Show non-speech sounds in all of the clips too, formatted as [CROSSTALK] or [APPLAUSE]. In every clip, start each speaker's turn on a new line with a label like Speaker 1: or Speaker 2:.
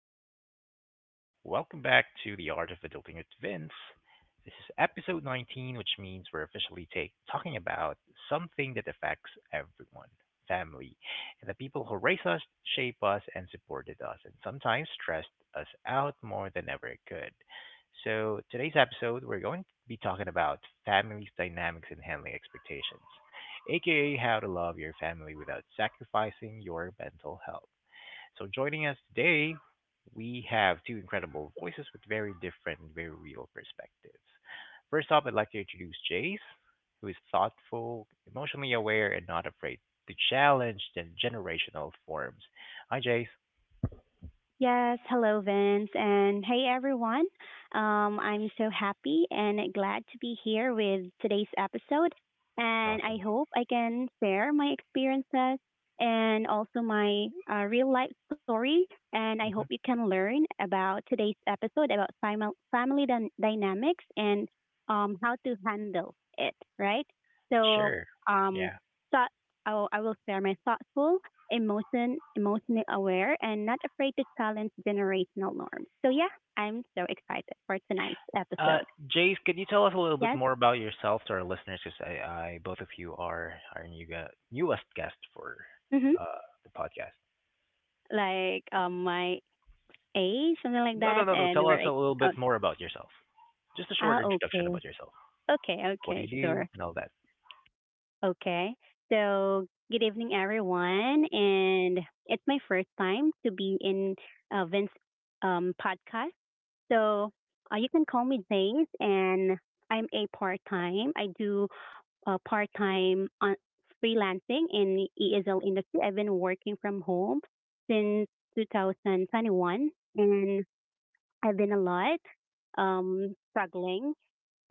Speaker 1: Hello, everyone. Welcome back to the Art of Adulting with Vince. This is episode 19, which means we're officially talking about something that affects everyone family, and the people who raise us, shape us, and supported us, and sometimes stressed us out more than ever it could. So, today's episode, we're going to be talking about family dynamics and handling expectations, aka how to love your family without sacrificing your mental health. So joining us today, we have two incredible voices with very different and very real perspectives. First off, I'd like to introduce Jace, who is thoughtful, emotionally aware, and not afraid to challenge the generational forms. Hi, Jace.
Speaker 2: Yes, hello Vince and hey everyone. I'm so happy and glad to be here with today's episode, and
Speaker 1: Awesome.
Speaker 2: I hope I can share my experiences and also my real life story, and I hope you
Speaker 1: hmm
Speaker 2: can learn about today's episode about family dynamics and how to handle it, right? So
Speaker 1: Sure.
Speaker 2: um,
Speaker 1: Yeah.
Speaker 2: thought, I will share my thoughtful, emotionally aware, and not afraid to challenge generational norms. So yeah, I'm so excited for tonight's
Speaker 1: Uh,
Speaker 2: episode.
Speaker 1: Jace, could you tell us a little bit
Speaker 2: Yes,
Speaker 1: more about yourself to our listeners? Because both of you are our newest guest for
Speaker 2: mm-hmm.
Speaker 1: uh, the podcast.
Speaker 2: Like, my age, something like
Speaker 1: No,
Speaker 2: that,
Speaker 1: no, no, no.
Speaker 2: and
Speaker 1: Tell
Speaker 2: we're
Speaker 1: us a
Speaker 2: like,
Speaker 1: little
Speaker 2: oh,
Speaker 1: bit more about yourself. Just a short introduction
Speaker 2: okay,
Speaker 1: about yourself.
Speaker 2: okay,
Speaker 1: What do
Speaker 2: okay,
Speaker 1: you do
Speaker 2: sure,
Speaker 1: and all that.
Speaker 2: okay. So good evening, everyone, and it's my first time to be in Vince podcast. So you can call me Zays, and I'm a part time. I do part time on freelancing in ESL industry. I've been working from home since 2021, and I've been a lot struggling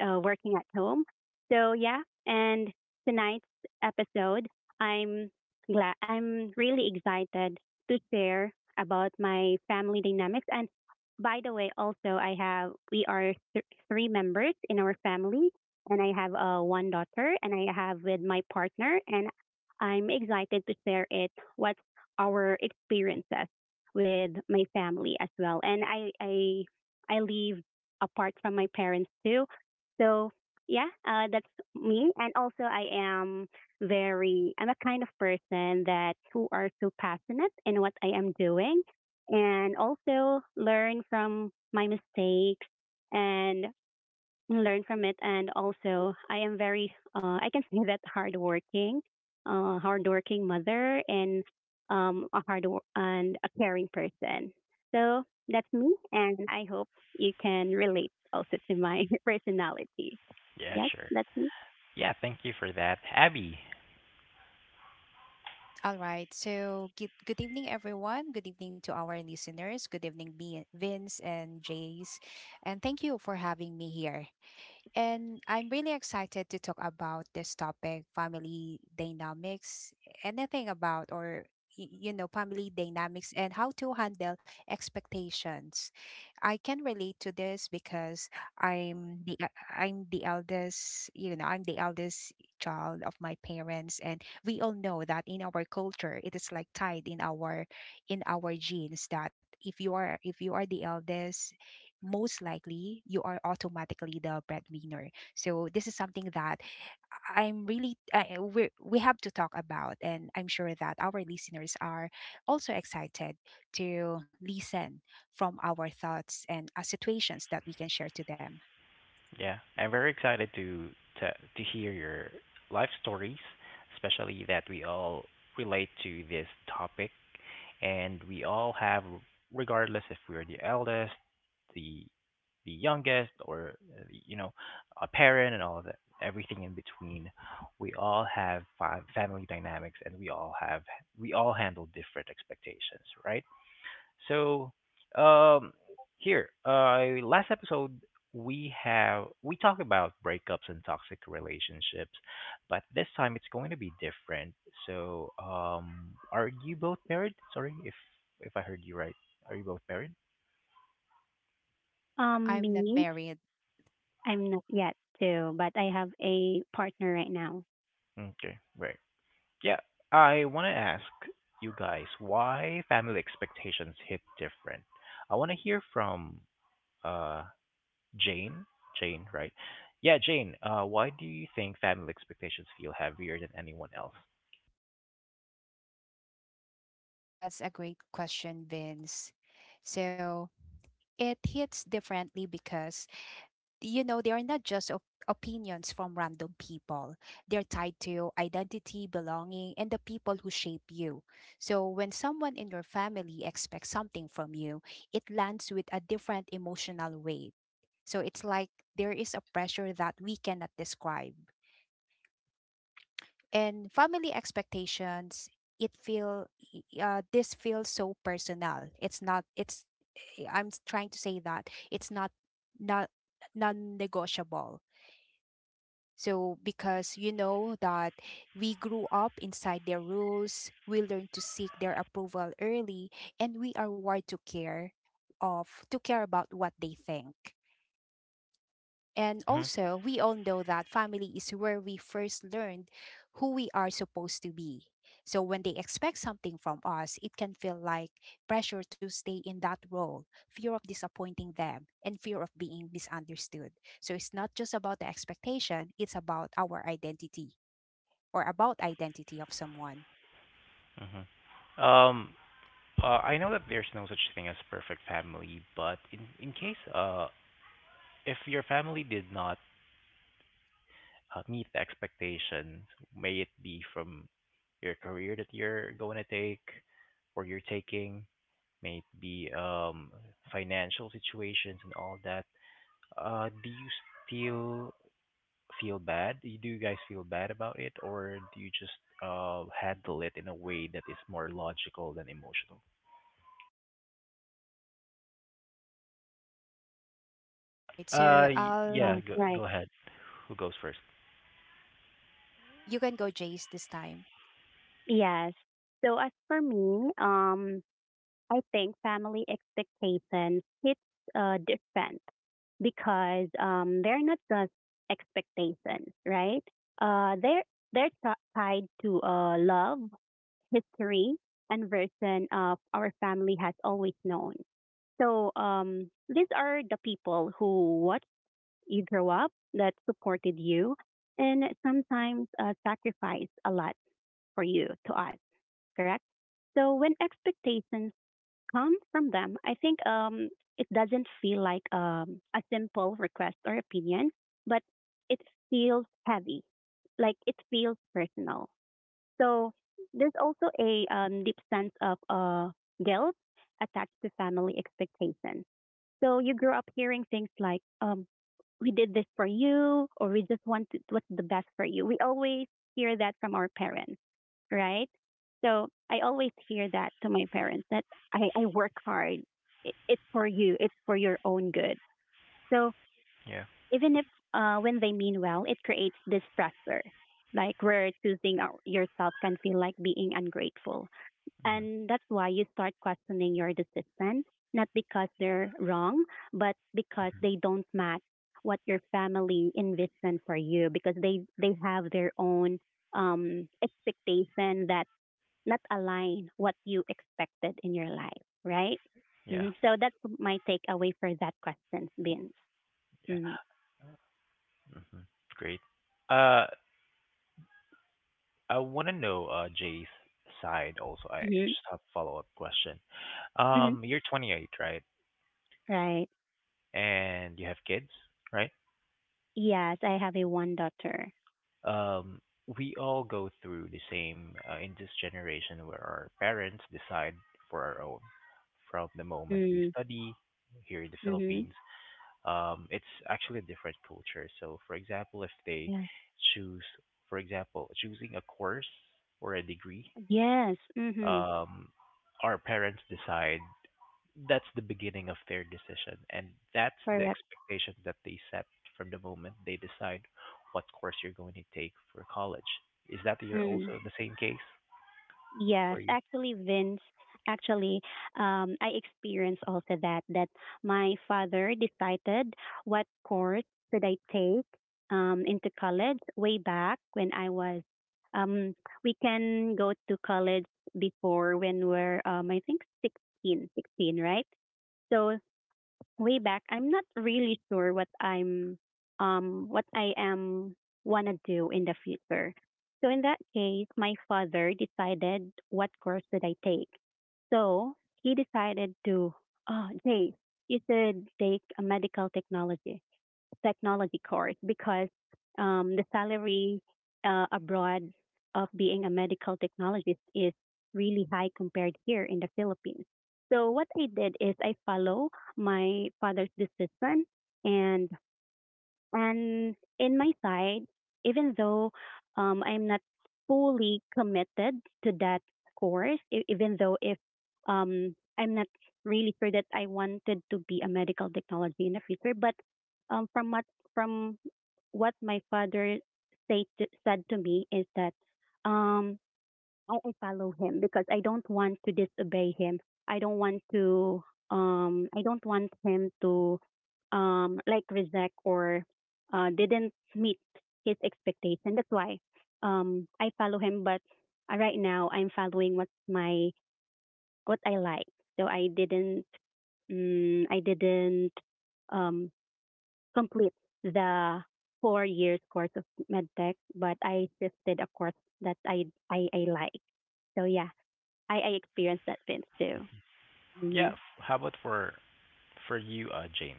Speaker 2: working at home. So yeah, and tonight's episode, I'm I'm really excited to share about my family dynamics. And by the way, also I have we are three members in our family, and I have one daughter, and I have with my partner, and I'm excited to share it. What's our experiences with my family as well, and I live apart from my parents too, so yeah, that's me. And also, I'm a kind of person that who are so passionate in what I am doing, and also learn from my mistakes, and and learn from it. And also, I can say that hardworking, hardworking mother, and and a caring person. So that's me, and I hope you can relate also to my [LAUGHS] personality.
Speaker 1: Yeah,
Speaker 2: Yes,
Speaker 1: sure.
Speaker 2: that's me.
Speaker 1: Yeah, thank you for that, Abby.
Speaker 3: All right. So, good evening, everyone. Good evening to our listeners. Good evening, Vince and Jace. And thank you for having me here. And I'm really excited to talk about this topic family dynamics, anything about or family dynamics and how to handle expectations. I can relate to this because I'm the eldest. I'm the eldest child of my parents, and we all know that in our culture it is like tied in our genes that if you are the eldest, most likely you are automatically the breadwinner. So this is something that I'm really I, we have to talk about, and I'm sure that our listeners are also excited to listen from our thoughts and situations that we can share to them.
Speaker 1: Yeah, I'm very excited to to hear your life stories, especially that we all relate to this topic, and we all have, regardless if we're the eldest, the the youngest, or you know, a parent, and all of that, everything in between. We all have family dynamics, and we all handle different expectations, right? So, um, here, last episode we talked about breakups and toxic relationships, but this time it's going to be different. So, are you both married? Sorry if I heard you right. Are you both married?
Speaker 3: I'm not
Speaker 2: Me,
Speaker 3: married.
Speaker 2: I'm not yet too, but I have a partner right now.
Speaker 1: Okay, right. Yeah, I want to ask you guys why family expectations hit different. I want to hear from uh Jane? Jane, right? Yeah, Jane, why do you think family expectations feel heavier than anyone else?
Speaker 3: That's a great question, Vince. So it hits differently because they are not just opinions from random people. They're tied to identity, belonging, and the people who shape you. So when someone in your family expects something from you, it lands with a different emotional weight. So it's like there is a pressure that we cannot describe. And family expectations, it feel this feels so personal. It's not. It's eh, I'm s- Trying to say that it's not non-negotiable. So, because you know that we grew up inside their rules, we learn to seek their approval early, and we are wired to care of to care about what they think. And
Speaker 1: Mhm,
Speaker 3: also, we all know that family is where we first learned who we are supposed to be. So, when they expect something from us, it can feel like pressure to stay in that role, fear of disappointing them, and fear of being misunderstood. So, it's not just about the expectation, it's about our identity or about identity of someone.
Speaker 1: mhm. Um, I know that there's no such thing as perfect family, but in case if your family did not meet the expectations, may it be from your career that you're going to take or you're taking, may it be financial situations and all that, do you still feel bad? Do you guys feel bad about it, or do you just handle it in a way that is more logical than emotional?
Speaker 3: Right. So,
Speaker 1: Yeah,
Speaker 3: I'll
Speaker 2: Yes,
Speaker 1: go
Speaker 2: right.
Speaker 1: ahead. Who goes first?
Speaker 3: you can go Jace this time.
Speaker 2: Yes. So as for me, I think family expectations hits different, because they're not just expectations, right? They're tied to love, history, and version of our family has always known. So these are the people who watched you grow up, that supported you, and sometimes sacrificed a lot for you to us, correct? So when expectations come from them, I think it doesn't feel like a simple request or opinion, but it feels heavy, like it feels personal. So there's also a deep sense of guilt attached to family expectations. So you grow up hearing things like, we did this for you, or we just want to, what's the best for you. We always hear that from our parents, right? So I always hear that to my parents that I work hard. It's for you. It's for your own good. So
Speaker 1: Yeah,
Speaker 2: even if when they mean well, it creates this pressure, like where choosing yourself can feel like being ungrateful, and that's why you start questioning your decisions, not because they're wrong, but because they don't match what your family envisioned for you, because they have their own expectation that not align what you expected in your life, right?
Speaker 1: yeah,
Speaker 2: So that's my takeaway for that question, Vince.
Speaker 1: yeah. Hmm. Great. Uh, I want to know Jay's side also. I
Speaker 2: Mm-hmm.
Speaker 1: just have a follow up question.
Speaker 2: Hmm.
Speaker 1: You're 28, right?
Speaker 2: Right.
Speaker 1: And you have kids, right?
Speaker 2: Yes, I have a one daughter.
Speaker 1: Um, we all go through the same in this generation where our parents decide for our own. From the moment we
Speaker 2: Mm-hmm.
Speaker 1: study here in the Philippines, it's actually a different culture. So, for example, if they
Speaker 2: Yes.
Speaker 1: choose, for example, choosing a course or a degree,
Speaker 2: Yes. Mm-hmm.
Speaker 1: um, our parents decide that's the beginning of their decision and that's the
Speaker 2: Correct.
Speaker 1: expectation that they set from the moment they decide what course you're going to take for college is that you're
Speaker 2: Mm-hmm.
Speaker 1: also the same case
Speaker 2: Yes,
Speaker 1: for you
Speaker 2: actually, Vince, actually, I experienced also that my father decided what course should I take into college way back when I was. Um, we can go to college before when we're I think 16, 16, right? So way back, I'm not really sure what I am wanna do in the future. So in that case, my father decided what course should I take. So he decided to, oh, Jay, you should take a medical technology course, because the salary abroad of being a medical technologist is really high compared here in the Philippines. So what I did is I follow my father's decision, and and in my side, even though I'm not fully committed to that course, even though if I'm not really sure that I wanted to be a medical technology in the future, but um, from what from what my father said to me is that um, I follow him because I don't want to disobey him. I don't want to I don't want him to like reject, or didn't meet his expectation. That's why I follow him, but right now I'm following what I like. So I didn't um, complete the 4 years course of medtech, but I shifted a course that I like. So yeah, I experienced that Vince too. Mm-hmm.
Speaker 1: yeah how about for you jane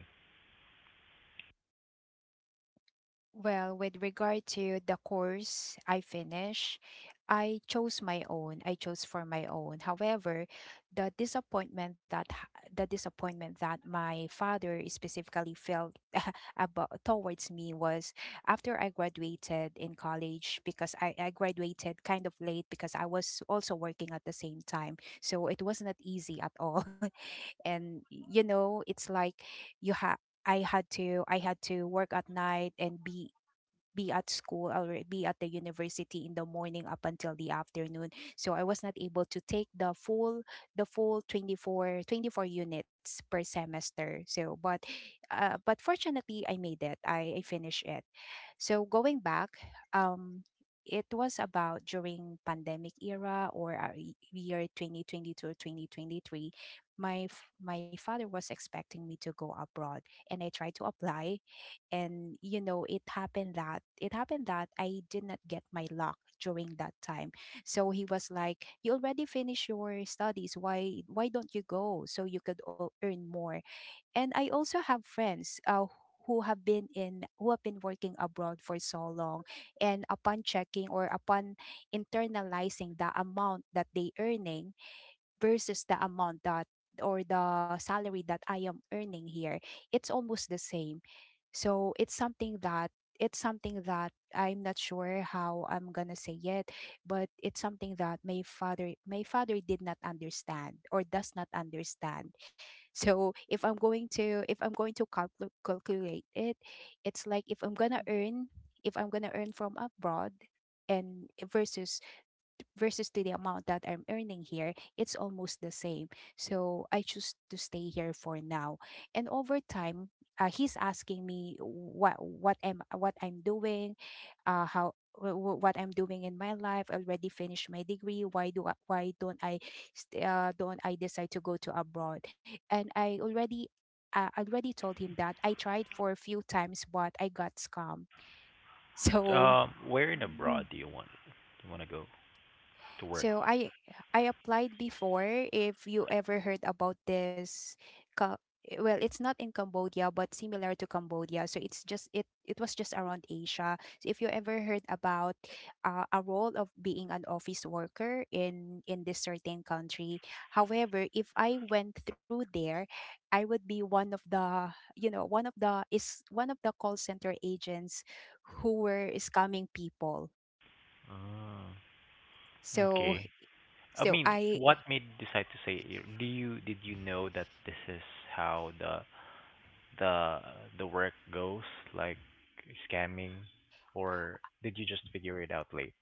Speaker 3: Well, with regard to the course I finish, I chose my own. I chose for my own. However, the disappointment that my father specifically felt [LAUGHS] about towards me was after I graduated in college because I graduated kind of late because I was also working at the same time. So it was not easy at all. [LAUGHS] And you know, it's like you have I had to work at night and be at school or be at the university in the morning up until the afternoon, so I was not able to take the full 24 24 units per semester. So but fortunately I made I finished it. So going back, um it was about during pandemic era or year 2022 or 2023. My father was expecting me to go abroad, and I tried to apply. And you know it happened that I did not get my lock during that time. So he was like, you already finished your studies, why don't you go so you could earn more. And I also have friends who have been working abroad for so long, and upon checking or upon internalizing the amount that they earning versus the amount that or the salary that I am earning here, it's almost the same. So it's something that I'm not sure how I'm gonna say it, but it's something that my father did not understand or does not understand. So if I'm going to calculate it, it's like if I'm gonna earn from abroad and versus to the amount that I'm earning here, it's almost the same. So I choose to stay here for now. And over time, he's asking me what I'm doing, what I'm doing in my life. Already finished my degree. Why don't I decide to go to abroad? And I already told him that I tried for a few times, but I got scammed. [LAUGHS] So
Speaker 1: where in
Speaker 2: Mm.
Speaker 1: abroad do you want to go to work
Speaker 3: So I applied before, if you ever heard about this. Ca- well, it's not in Cambodia but similar to Cambodia, so it's just it was just around Asia. So if you ever heard about a role of being an office worker in this certain country. However, if I went through there, I would be one of the you know one of the is one of the call center agents who were scamming people.
Speaker 1: Ah,
Speaker 3: So
Speaker 1: okay. I
Speaker 3: so
Speaker 1: mean,
Speaker 3: I
Speaker 1: what made you decide to say it? Do you, did you know that this is how the the work goes, like scamming, or did you just figure it out late?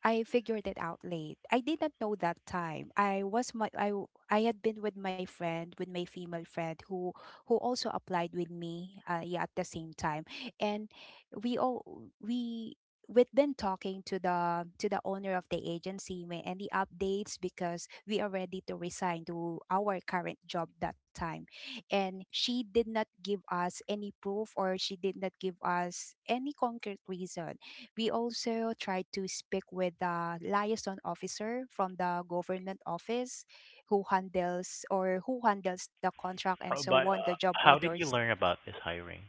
Speaker 3: I figured it out late. I didn't know that time. I was my I w- I had been with my friend, with my female friend who also applied with me yeah, at the same time. And we all we we've been talking to the owner of the agency may any updates because we are ready to resign to our current job that time, and she did not give us any proof or she did not give us any concrete reason. We also tried to speak with the liaison officer from the government office who handles the contract and
Speaker 1: Uh,
Speaker 3: so
Speaker 1: But
Speaker 3: on, the
Speaker 1: uh,
Speaker 3: job
Speaker 1: how did
Speaker 3: orders.
Speaker 1: you learn about this hiring?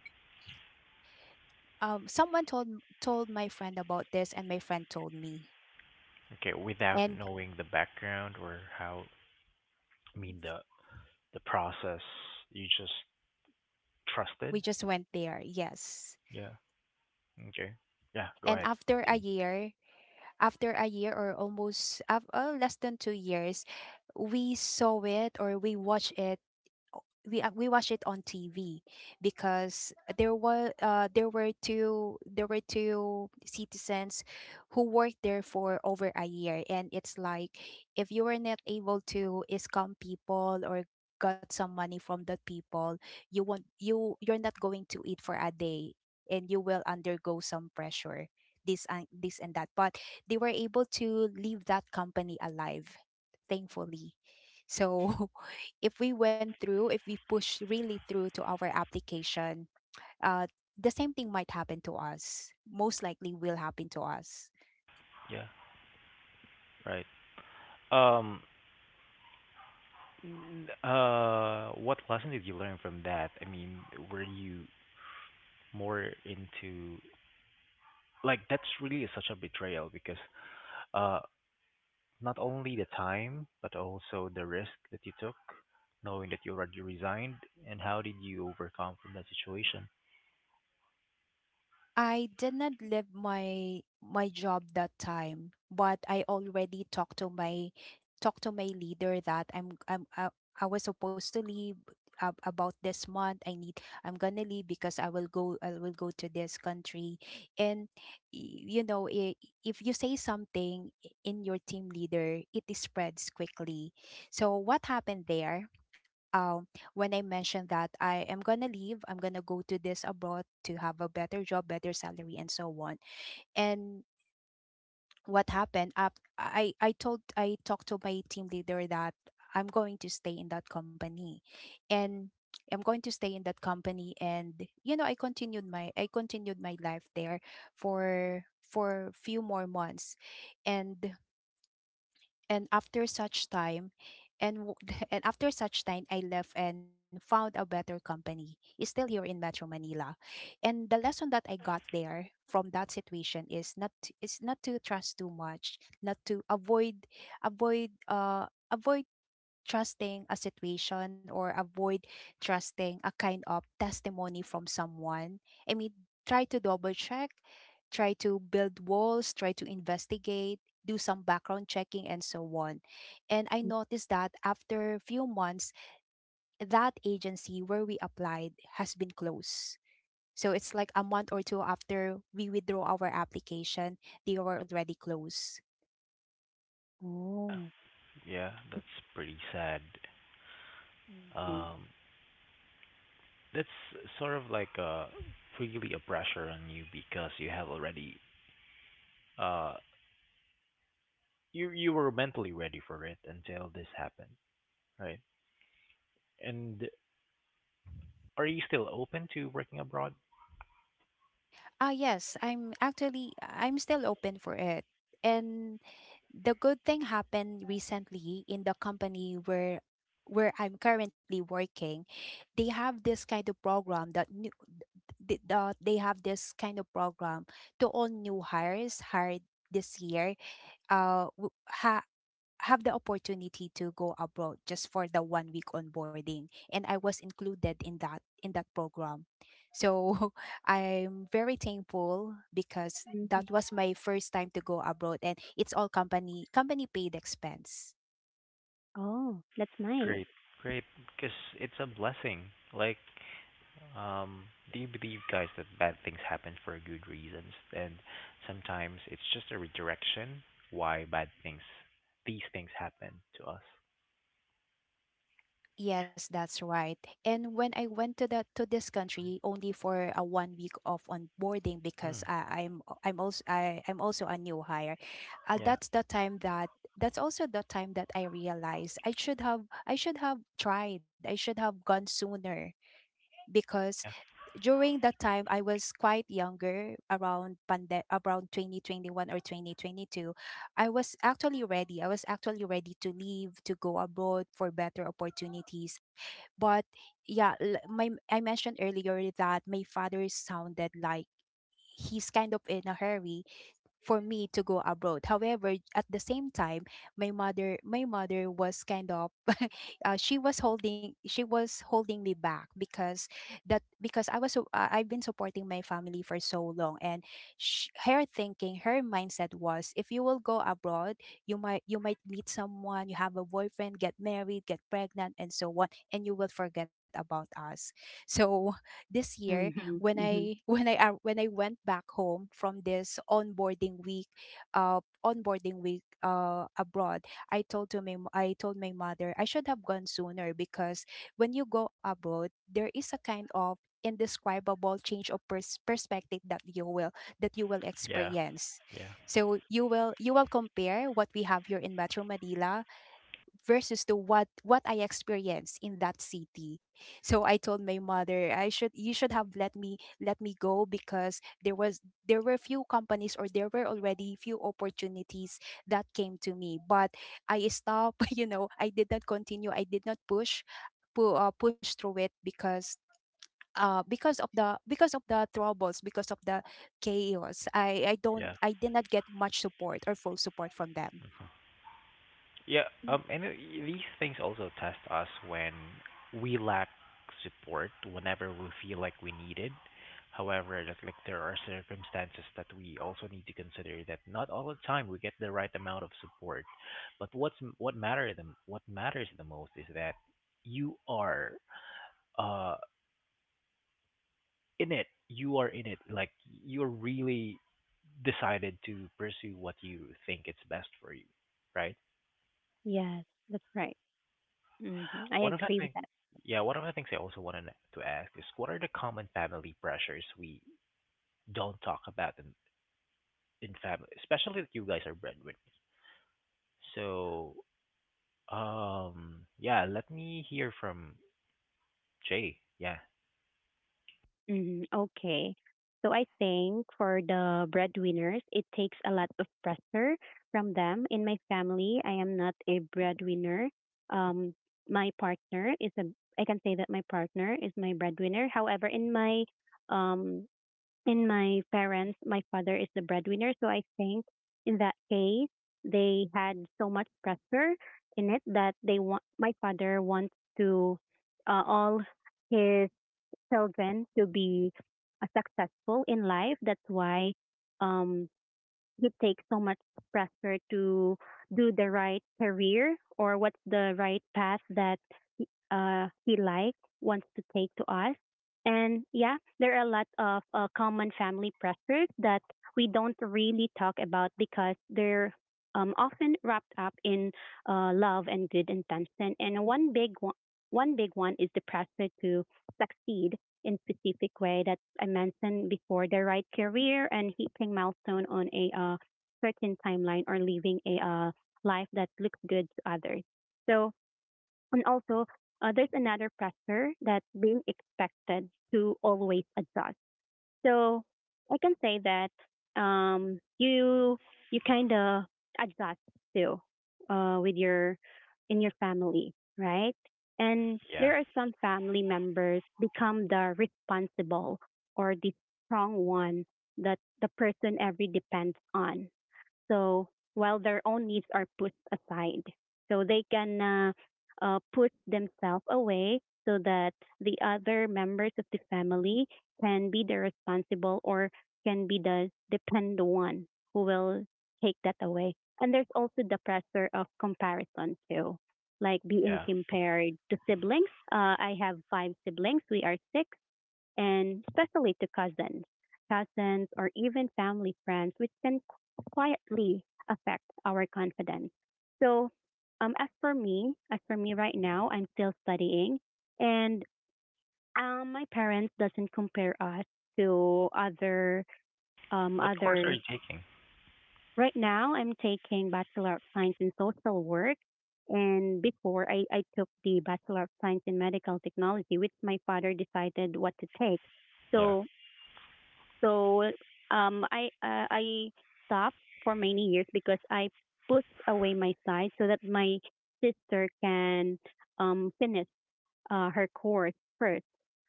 Speaker 3: Someone told my friend about this and my friend told me.
Speaker 1: Okay, without
Speaker 3: And
Speaker 1: knowing the background or how, I mean the process, you just trusted?
Speaker 3: we just went there, yes.
Speaker 1: Yeah. Okay. Yeah, go
Speaker 3: And
Speaker 1: ahead. Continue.
Speaker 3: after a year or less than 2 years, we watched it we watched it on TV because there was there were two citizens who worked there for over a year, and it's like if you were not able to scam people or got some money from the people, you want you you're not going to eat for a day, and you will undergo some pressure, this and that. But they were able to leave that company alive, thankfully. So if we went through, if we pushed really through to our application, uh, the same thing might happen to us. Most likely will happen to us.
Speaker 1: Yeah, right. Um, what lesson did you learn from that? I mean, were you more into like that's really such a betrayal because uh not only the time, but also the risk that you took, knowing that you already resigned, and how did you overcome from that situation?
Speaker 3: I did not leave my job that time, but I already talked to my leader that I was supposed to leave about this month. I'm gonna leave because I will go to this country, and you know, if you say something in your team leader, it is spreads quickly. So what happened there? um, when I mentioned that I am gonna leave, I'm gonna go to this abroad to have a better job, better salary, and so on. And what happened? Up, I talked to my team leader that I'm going to stay in that company, and I'm going to stay in that company. And you know, I continued my life there for few more months, and and after such time and w- [LAUGHS] and after such time I left and found a better company. It's still here in Metro Manila. And the lesson that I got there from that situation is not to trust too much, not to avoid uh avoid trusting a situation or avoid trusting a kind of testimony from someone. I mean, try to double check, try to build walls, try to investigate, do some background checking, and so on. And I noticed that after a few months, that agency where we applied has been closed. So it's like a month or two after we withdraw our application, they were already closed.
Speaker 2: Oh.
Speaker 1: Yeah, that's pretty sad.
Speaker 2: Mm-hmm.
Speaker 1: Um, that's sort of like a really a pressure on you because you have already uh you were mentally ready for it until this happened, right? And are you still open to working abroad?
Speaker 3: Ah, yes, I'm actually I'm still open for it. And the good thing happened recently in the company where I'm currently working. They have this kind of program that new they have this kind of program to all new hires hired this year. W- ha Have the opportunity to go abroad just for the 1 week onboarding, and I was included in that program. So [LAUGHS] I'm very thankful because
Speaker 2: Mm-hmm.
Speaker 3: that was my first time to go abroad, and it's all company paid expense.
Speaker 2: Oh, that's nice.
Speaker 1: Great, great, because it's a blessing. Like, um, do you believe, guys, that bad things happen for good reasons? And sometimes it's just a redirection why these things happen to us.
Speaker 3: Yes, that's right. And when I went to the to this country only for a 1 week of onboarding because
Speaker 1: Mm,
Speaker 3: I, I'm also I, I'm also a new hire.
Speaker 1: yeah,
Speaker 3: That's the time that that's also the time that I realized I should have tried. I should have gone sooner because
Speaker 1: yeah,
Speaker 3: during that time I was quite younger around around 2021 or 2022. I was actually ready to leave to go abroad for better opportunities. But yeah, l- my I mentioned earlier that my father sounded like he's kind of in a hurry for me to go abroad. However, at the same time, my mother was kind of [LAUGHS] she was holding me back because I've been supporting my family for so long. And her mindset was if you will go abroad, you might, you might meet someone, you have a boyfriend, get married, get pregnant and so on, and you will forget about us. So [LAUGHS] this year
Speaker 2: Mhm,
Speaker 3: when
Speaker 2: mhm.
Speaker 3: I [LAUGHS] when I went back home from this onboarding week abroad, I told my mother I should have gone sooner, because when you go abroad, there is a kind of indescribable change of perspective that you will, that you will
Speaker 1: yeah,
Speaker 3: experience.
Speaker 1: yeah,
Speaker 3: So you will, you will compare what we have here in Metro Manila versus to what I experienced in that city. So I told my mother, I should you should have let me, let me go, because there was, there were few companies, or there were already few opportunities that came to me, but I stopped. [LAUGHS] You know, I did not continue. I did not push, push through it because of the because of the troubles, because of the chaos. i i don't
Speaker 1: yeah.
Speaker 3: i did not get much support or full support from them.
Speaker 1: Yeah,
Speaker 2: Mm.
Speaker 1: and these things also test us when we lack support, whenever we feel like we need it. However, just like there are circumstances that we also need to consider that not all the time we get the right amount of support. But what's what matter the what matters the most is that you are uh in it. You are in it. Like you're really decided to pursue what you think is best for you, right?
Speaker 2: Yes, that's right. hmm I
Speaker 1: One of the
Speaker 2: agree with
Speaker 1: things,
Speaker 2: that.
Speaker 1: yeah, one of the things I also wanted to ask is what are the common family pressures we don't talk about in family, especially that you guys are breadwinners. So, yeah, let me hear from Jay. Yeah,
Speaker 2: Hmm. Okay. So I think for the breadwinners, it takes a lot of pressure from them. In my family, I am not a breadwinner. Um, my partner is a, I can say that my partner is my breadwinner. However, um, in my parents, my father is the breadwinner. So I think in that case, they had so much pressure in it that they want my father wants to all his children to be successful in life. That's why um, you take so much pressure to do the right career or what's the right path that he like wants to take to us. And yeah, there are a lot of common family pressures that we don't really talk about because they're often wrapped up in love and good intention. And one big one is the pressure to succeed in specific way that I mentioned before, the right career and hitting milestone on a certain timeline, or living a life that looks good to others. So, and also, there's another pressure that being expected to always adjust. So I can say that um, you you kind of adjust too with your in your family, right? And
Speaker 1: yeah,
Speaker 2: there are some family members become the responsible or the strong one that the person every depends on, so while their own needs are put aside, so they can put themselves away so that the other members of the family can be the responsible or can be the depend one who will take that away. And there's also the pressure of comparison too, like being
Speaker 1: yeah.
Speaker 2: compared to siblings. I have five siblings. We are six, and especially to cousins, or even family friends, which can quietly affect our confidence. So, as for me right now, I'm still studying, and my parents doesn't compare us to
Speaker 1: What course are
Speaker 2: other.
Speaker 1: you taking?
Speaker 2: Right now, I'm taking Bachelor of Science in Social Work, and before I took the Bachelor of Science in Medical Technology, which my father decided what to take.
Speaker 1: Yeah.
Speaker 2: So So I stopped for many years because I pushed away my side so that my sister can finish her course first,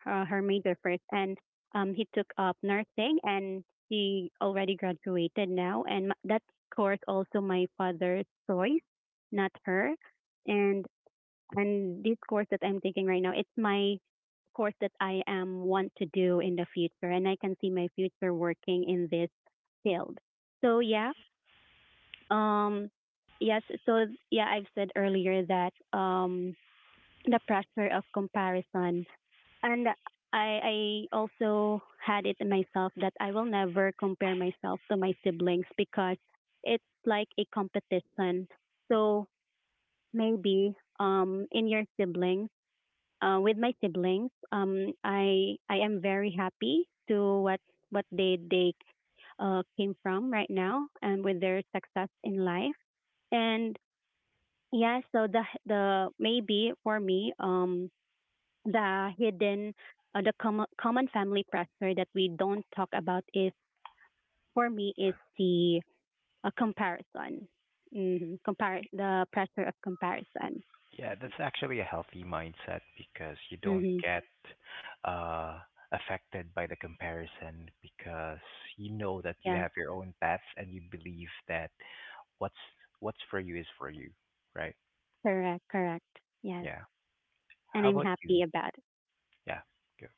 Speaker 2: her major first, and he took up nursing, and she already graduated now, and that course also my father's choice, not her, and this course that I'm taking right now, it's my course that I am want to do in the future, and I can see my future working in this field. So yeah, um, yes. So yeah, I've said earlier that the pressure of comparison, and I also had it myself that I will never compare myself to my siblings because it's like a competition. So maybe in your siblings with my siblings. I am very happy to what they came from right now, and with their success in life. And yeah, so the maybe for me the hidden, the common family pressure that we don't talk about is for me is the comparison. Mm-hmm. Compare the pressure of comparison.
Speaker 1: Yeah, that's actually a healthy mindset because you don't
Speaker 2: Mm-hmm.
Speaker 1: get uh, affected by the comparison because you know that you
Speaker 2: Yes,
Speaker 1: have your own path and you believe that what's what's for you is for you, right?
Speaker 2: correct, correct. Yes,
Speaker 1: Yeah.
Speaker 2: and
Speaker 1: How
Speaker 2: I'm
Speaker 1: about you?
Speaker 2: happy about it.
Speaker 1: Yeah. Go.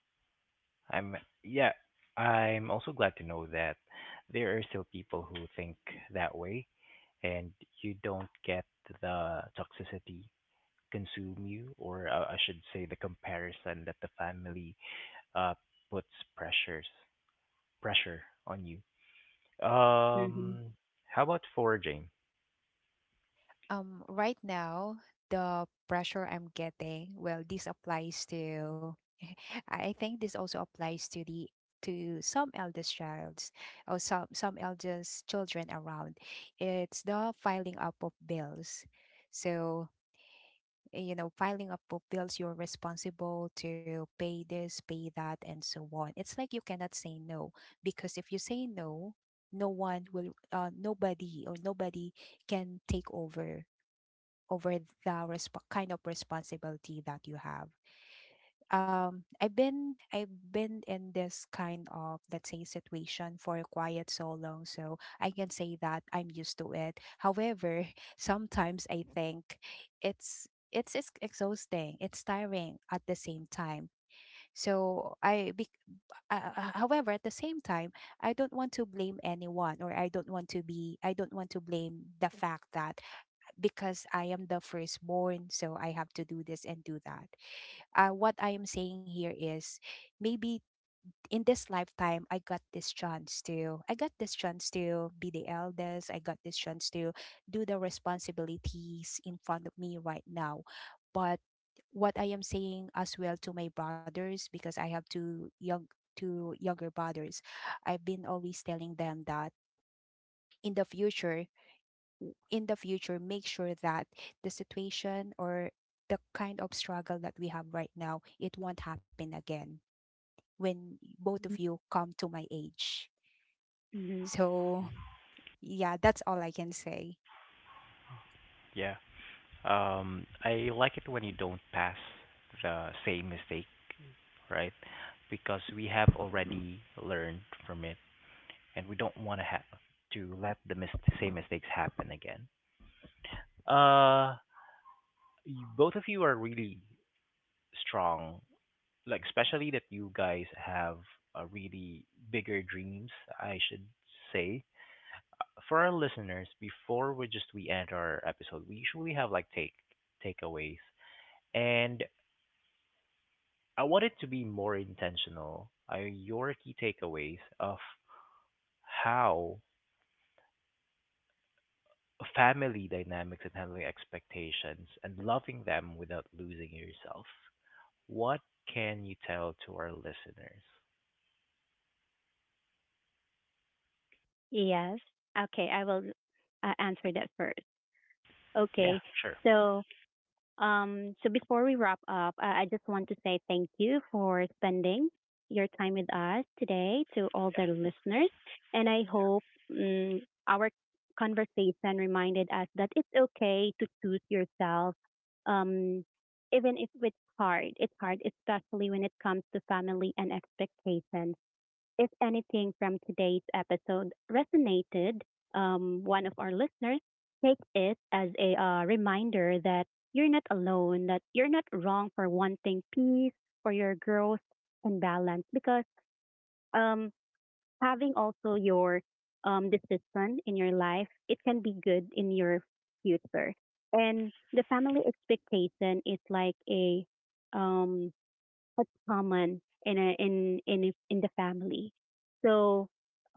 Speaker 1: I'm yeah, I'm also glad to know that there are still people who think that way and you don't get the toxicity consume you, or I should say the comparison that the family uh, puts pressures pressure on you.
Speaker 2: Mm-hmm.
Speaker 1: Um, how about foraging?
Speaker 3: Right now, the pressure I'm getting, well, this applies to [LAUGHS] I think this also applies to the to some eldest childs or some eldest children around, it's the filing up of bills. So, you know, filing up of bills, you're responsible to pay this, pay that and so on. It's like you cannot say no, because if you say no, no one will, nobody, or nobody can take over, over the kind of responsibility that you have. I've been in this kind of, let's say, situation for quite so long, so I can say that I'm used to it. However, [LAUGHS] sometimes I think it's exhausting, it's tiring at the same time. so i be, However, at the same time, I don't want to blame the fact that because I am the firstborn, so I have to do this and do that. What I am saying here is maybe in this lifetime I got this chance to be the eldest. I got this chance to do the responsibilities in front of me right now. But what I am saying as well to my brothers, because I have two younger brothers, I've been always telling them that, in the future, in the future, make sure that the situation or the kind of struggle that we have right now, it won't happen again when both of you come to my age.
Speaker 2: Hmm.
Speaker 3: So yeah, that's all I can say.
Speaker 1: Yeah, I like it when you don't pass the same mistake, right? Because we have already learned from it, and we don't want to have to let the same mistakes happen again. Uh, you, both of you are really strong like especially that you guys have a really bigger dreams, I should say. For our listeners, before we end our episode, we usually have like takeaways, and I want it to be more intentional. Are your key takeaways of how family dynamics and handling expectations and loving them without losing yourself? What can you tell to our listeners?
Speaker 2: Yes. Okay, I will answer that first.
Speaker 1: Yeah,
Speaker 2: Okay.
Speaker 1: sure.
Speaker 2: So, so before we wrap up, I just want to say thank you for spending your time with us today to all
Speaker 1: Yeah,
Speaker 2: the listeners, and I hope um, our conversation reminded us that it's okay to choose yourself, um, even if it's hard. It's hard, especially when it comes to family and expectations. If anything from today's episode resonated, one of our listeners, take it as a reminder that you're not alone, that you're not wrong for wanting peace, for your growth and balance, because um, having also your decision in your life, it can be good in your future. And the family expectation is like a um, that's common in in the family. So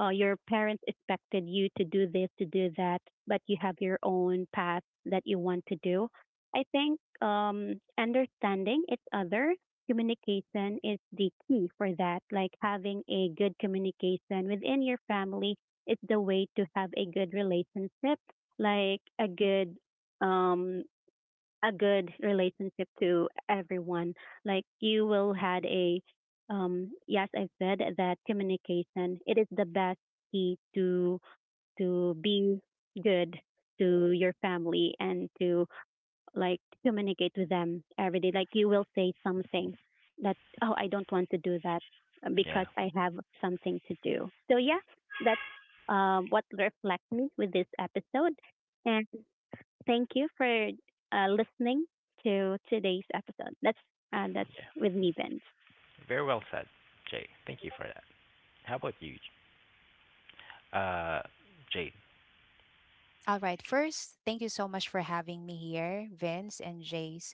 Speaker 2: your parents expected you to do this, to do that, but you have your own path that you want to do. I think understanding each other, communication is the key for that. Like having a good communication within your family is the way to have a good relationship, like um, a good relationship to everyone. Like you will had a Yes, I've said that communication it is the best key to be good to your family, and to like communicate with them every day. Like you will say something that oh I don't want to do that
Speaker 1: yeah,
Speaker 2: because I have something to do. So yeah, that's what reflects me with this episode. Thank you for listening to today's episode. That's uh, that's
Speaker 1: yeah.
Speaker 2: with me, Vince.
Speaker 1: Very well said, Jay. Thank you for that. How about you, uh, Jade?
Speaker 3: All right. First, thank you so much for having me here, Vince and Jace.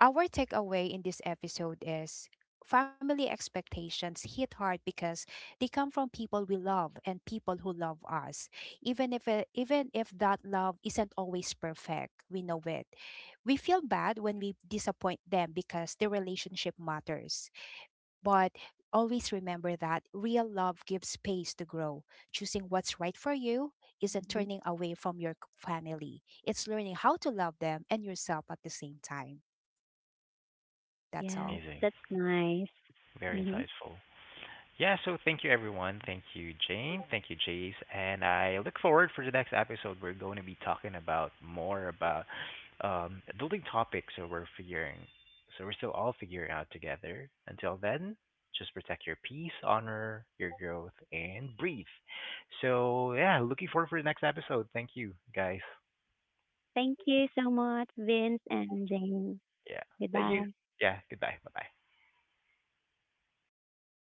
Speaker 3: Our takeaway in this episode is family expectations hit hard because they come from people we love and people who love us. Even if that love isn't always perfect, we know it. We feel bad when we disappoint them because the relationship matters. But always remember that real love gives space to grow. Choosing what's right for you isn't
Speaker 2: Hmm.
Speaker 3: turning away from your family. It's learning how to love them and yourself at the same time. That's
Speaker 2: Yes,
Speaker 3: all.
Speaker 1: Amazing.
Speaker 2: that's nice.
Speaker 1: Very
Speaker 2: hmm
Speaker 1: insightful. Yeah, so thank you, everyone. Thank you, Jane. Thank you, Jace. And I look forward for the next episode. We're going to be talking about more about adulting topics. So we're still all figuring out together. Until then, just protect your peace, honor your growth, and breathe. So yeah, looking forward for the next episode. Thank you, guys.
Speaker 2: Thank you so much, Vince and Jane.
Speaker 1: Yeah. Thank you.
Speaker 2: Goodbye.
Speaker 1: Yeah. Goodbye. Bye-bye.